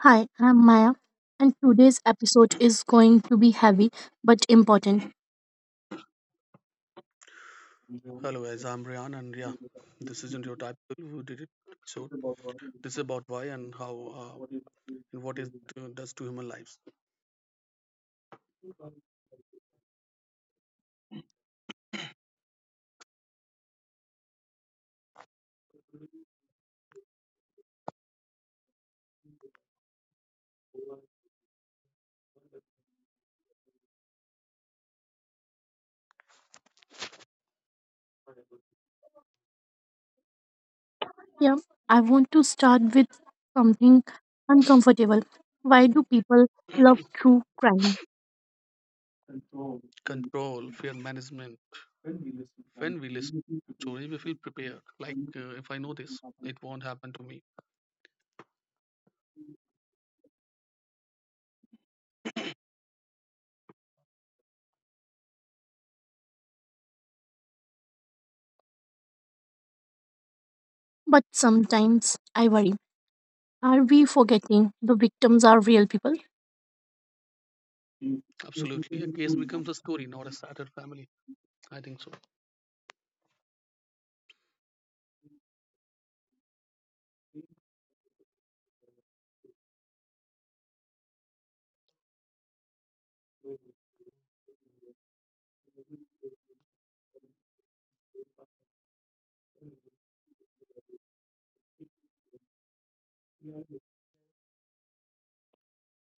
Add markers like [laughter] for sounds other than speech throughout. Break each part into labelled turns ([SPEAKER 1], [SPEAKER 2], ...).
[SPEAKER 1] Hi, I'm Maya, and today's episode is going to be heavy but important.
[SPEAKER 2] Hello, guys. I'm Ryan, and yeah, this isn't your typical who did it. So this is about why and how, uh, and what it does to human lives.
[SPEAKER 1] Yeah, I want to start with something uncomfortable. Why do people love true crime?
[SPEAKER 2] Control, fear management. When we listen to story, we feel prepared. Like, if I know this, it won't happen to me.
[SPEAKER 1] But sometimes I worry. Are we forgetting the victims are real people?
[SPEAKER 2] Absolutely, a case becomes a story, not a shattered family. I think so.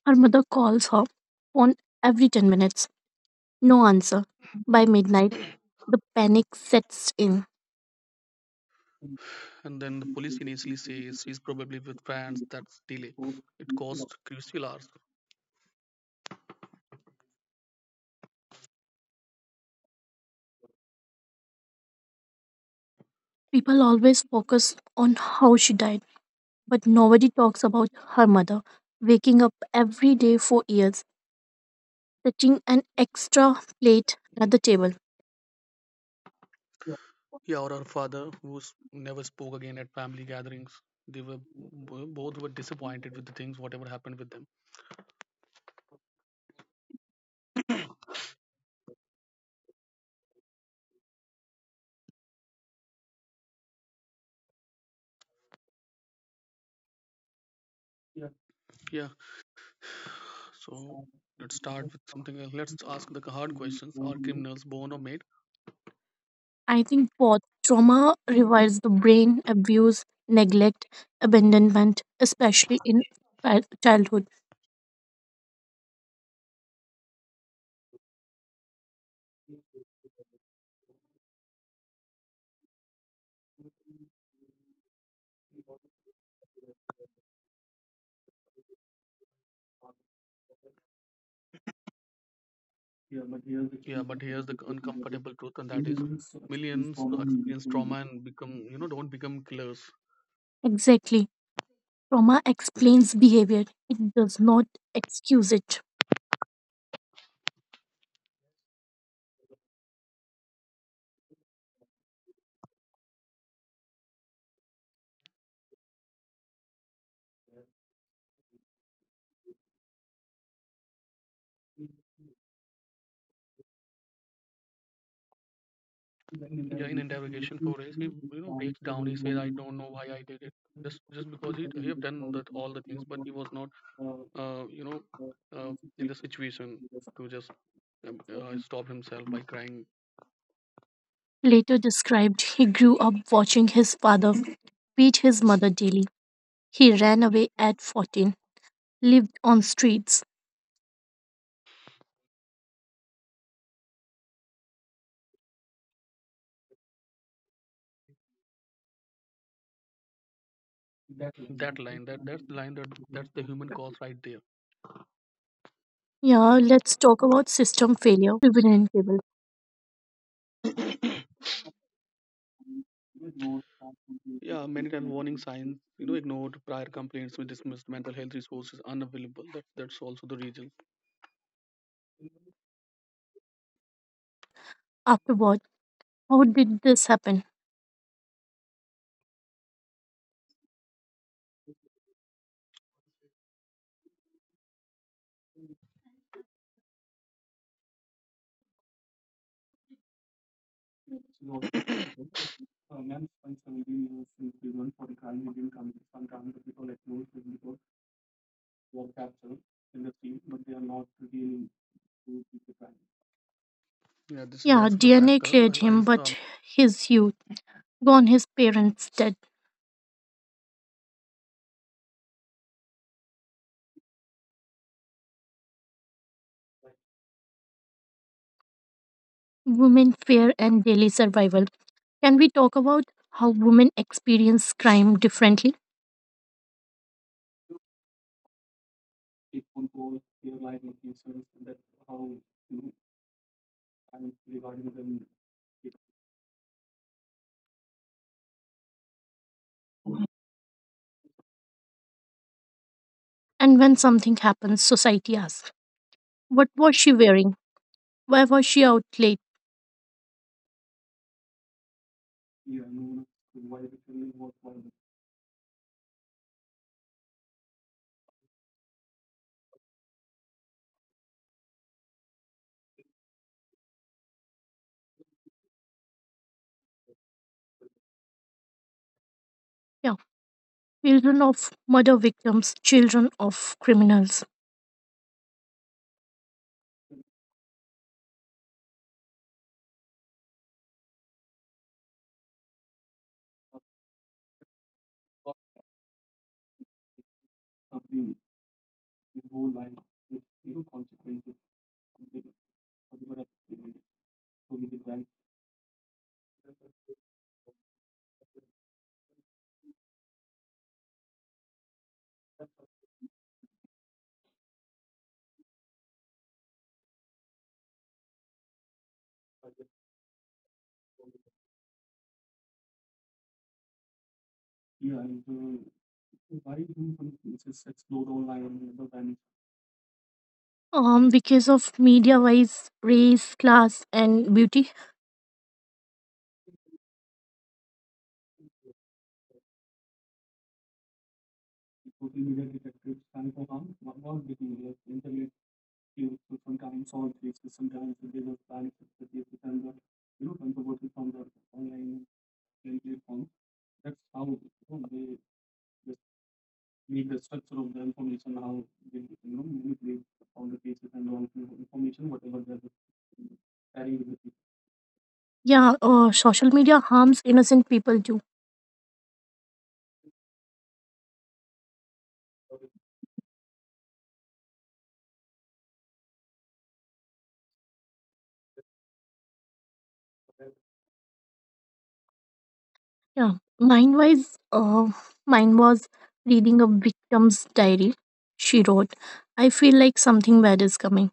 [SPEAKER 1] Her mother calls her phone every 10 minutes. No answer. By midnight, the panic sets in.
[SPEAKER 2] And then the police initially says she's probably with friends. That's delay. It costs crucial hours.
[SPEAKER 1] People always focus on how she died, but nobody talks about her mother waking up every day for years, setting an extra plate at the table.
[SPEAKER 2] Yeah, or her father, who never spoke again at family gatherings. They were both were disappointed with the things, whatever happened with them. Yeah. [sighs] So let's start with something else. Let's ask the hard questions. Are criminals born or made?
[SPEAKER 1] I think both trauma revives the brain, abuse, neglect, abandonment, especially in childhood.
[SPEAKER 2] Yeah, but here's the uncomfortable truth, and that is millions experience trauma and become, don't become killers.
[SPEAKER 1] Exactly. Trauma explains behavior, it does not excuse it.
[SPEAKER 2] Yeah, in interrogation for race, he breaks down. He says, "I don't know why I did it. Just because he have done that all the things, but he was not uh, you know, uh, in the situation to just stop himself by crying
[SPEAKER 1] Later described, he grew up watching his father beat his mother daily. He ran away at 14, lived on streets.
[SPEAKER 2] that line. That's the line that that's the human cause right
[SPEAKER 1] Yeah, let's talk about system failure because many crimes are preventable.
[SPEAKER 2] there." [coughs] Yeah, many times warning signs, ignored, prior complaints were dismissed. Mental health resources unavailable. That's also the reason.
[SPEAKER 1] And everyone asked afterward, how did this happen?
[SPEAKER 2] Yeah, this is
[SPEAKER 1] Yeah,
[SPEAKER 2] also the
[SPEAKER 1] DNA
[SPEAKER 2] factor.
[SPEAKER 1] cleared
[SPEAKER 2] As I
[SPEAKER 1] him, but his youth, gone, his parents dead. Women, fear, and daily survival. Can we talk about how women experience crime differently? And when something happens, society asks, what was she wearing? Why was she out late? Yeah, children of murder victims, children of criminals. Because of media wise, race, class, and beauty. Yeah, social media harms innocent people too. Yeah, mine was uh, mine was reading a victim's diary. She wrote, "I feel like something bad is coming."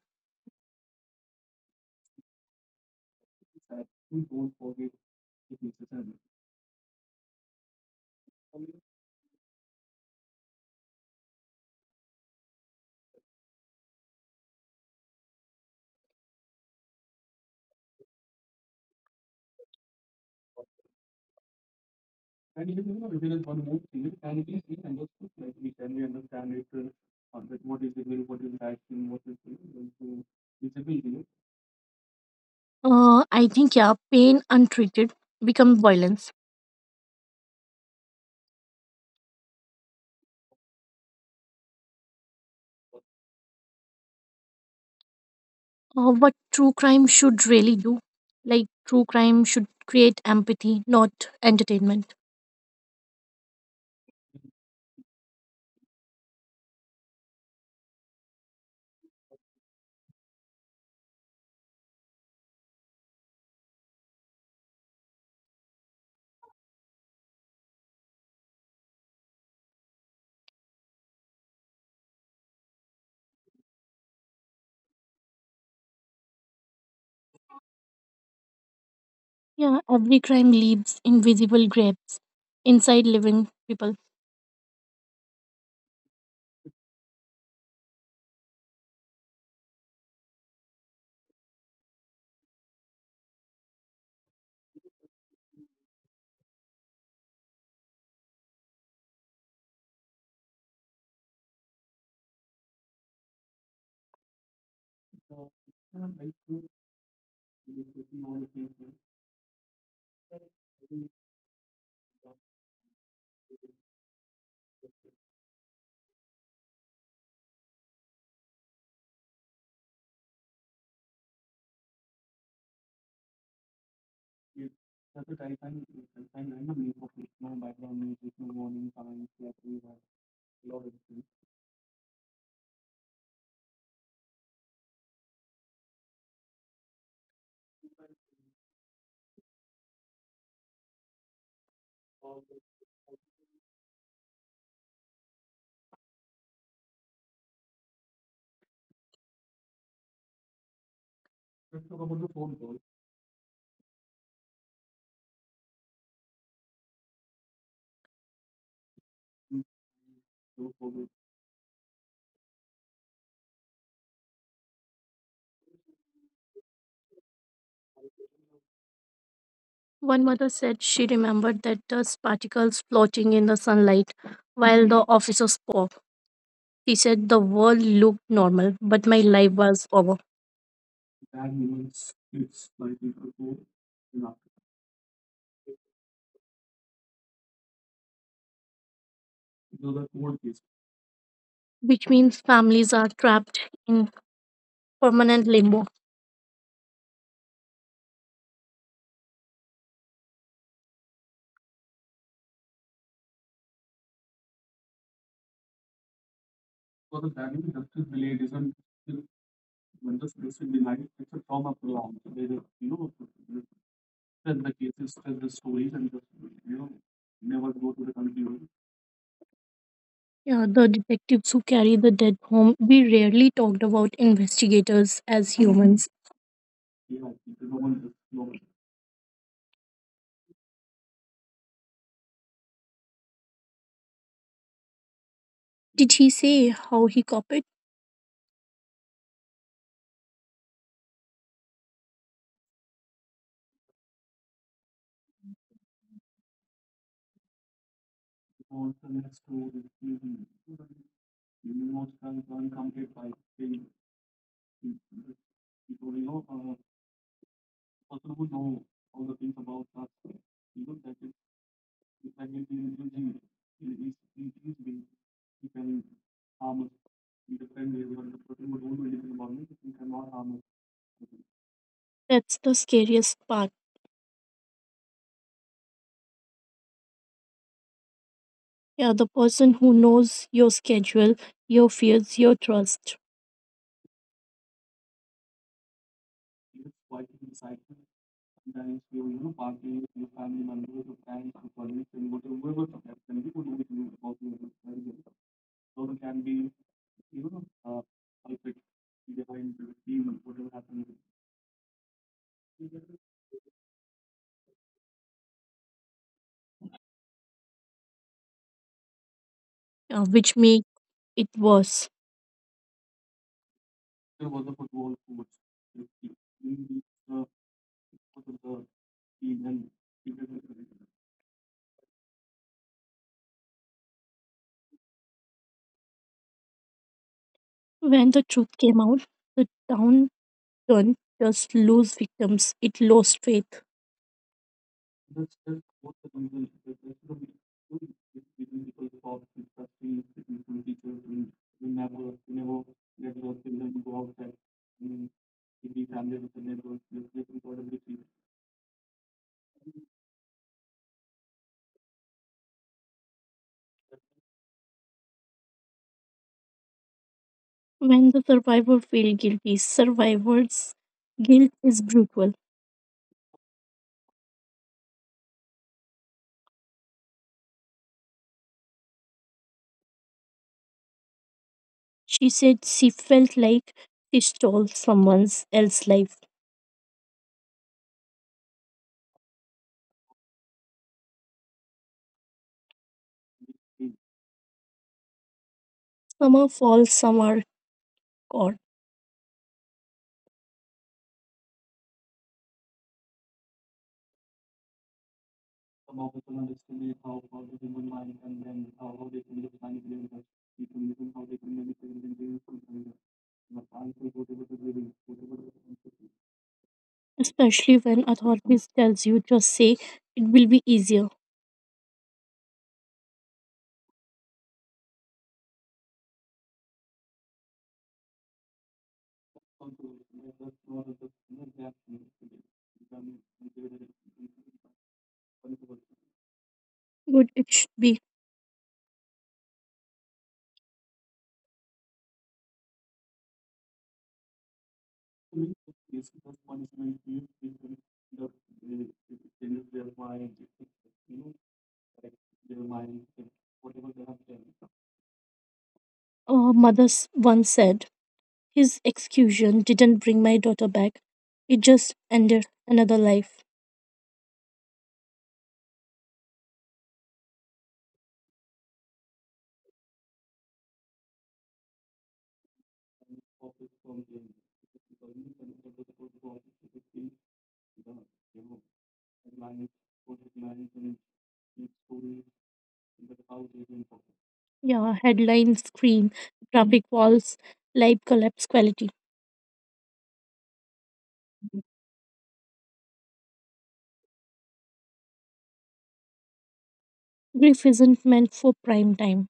[SPEAKER 1] I think, yeah, pain untreated becomes violence. What true crime should really do? Like, true crime should create empathy, not entertainment. Yeah, every crime leaves invisible grabs inside living people. One mother said she remembered that dust particles floating in the sunlight while the officer spoke. She said the world looked normal, but my life was over, which means families are trapped in permanent limbo. Yeah, the detectives who carry the dead home, we rarely talked about investigators as humans. Did he say how he copied? That's the scariest part. Yeah, the person who knows your schedule, your fears, your trust, which make it worse. When the truth came out, the town didn't just lose victims, it lost faith. When the survivor felt guilty, survivor's guilt is brutal. She said she felt like she stole someone else's life. Some are false, some are caught. Especially when authorities tells you just say it will be easier. Good, it should be. A mother once said, his execution didn't bring my daughter back. It just ended another life. Yeah, headlines scream, traffic walls, life collapse quality. Grief isn't meant for prime time.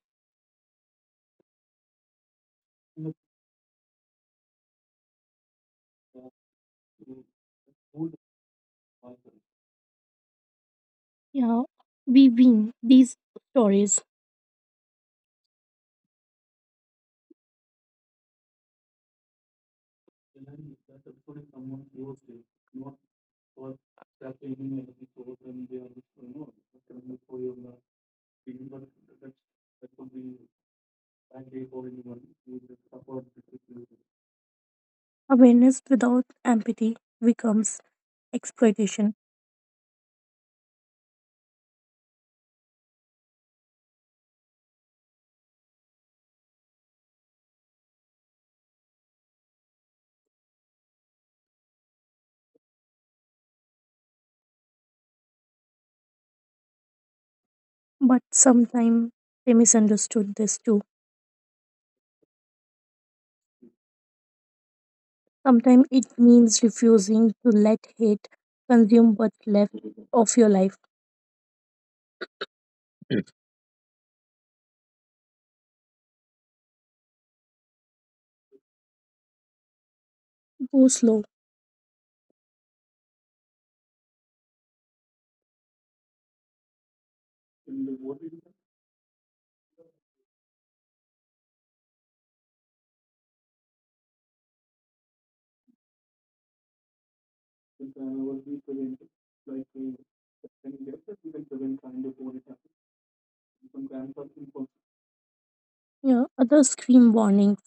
[SPEAKER 1] Yeah, we win these stories. Awareness without empathy becomes exploitation. But sometimes they misunderstood this too. Sometimes it means refusing to let hate consume what's left of your life. Go slow. Yeah, others scream warning.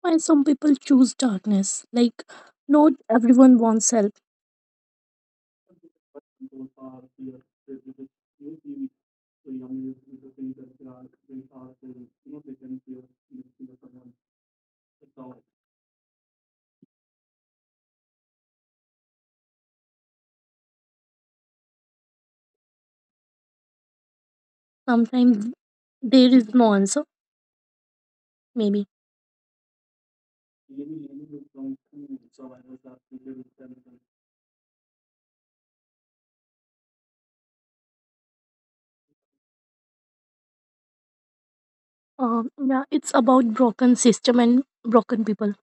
[SPEAKER 1] Why some people choose darkness? Like, not everyone wants help. Sometimes there is no answer, maybe. Yeah, it's about broken system and broken people.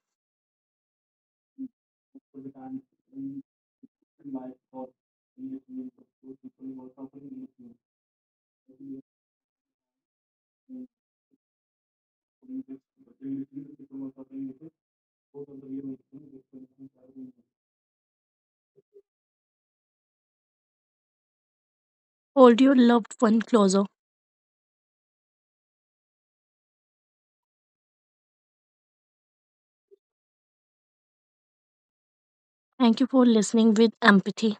[SPEAKER 1] Hold your loved one closer. Thank you for listening with empathy.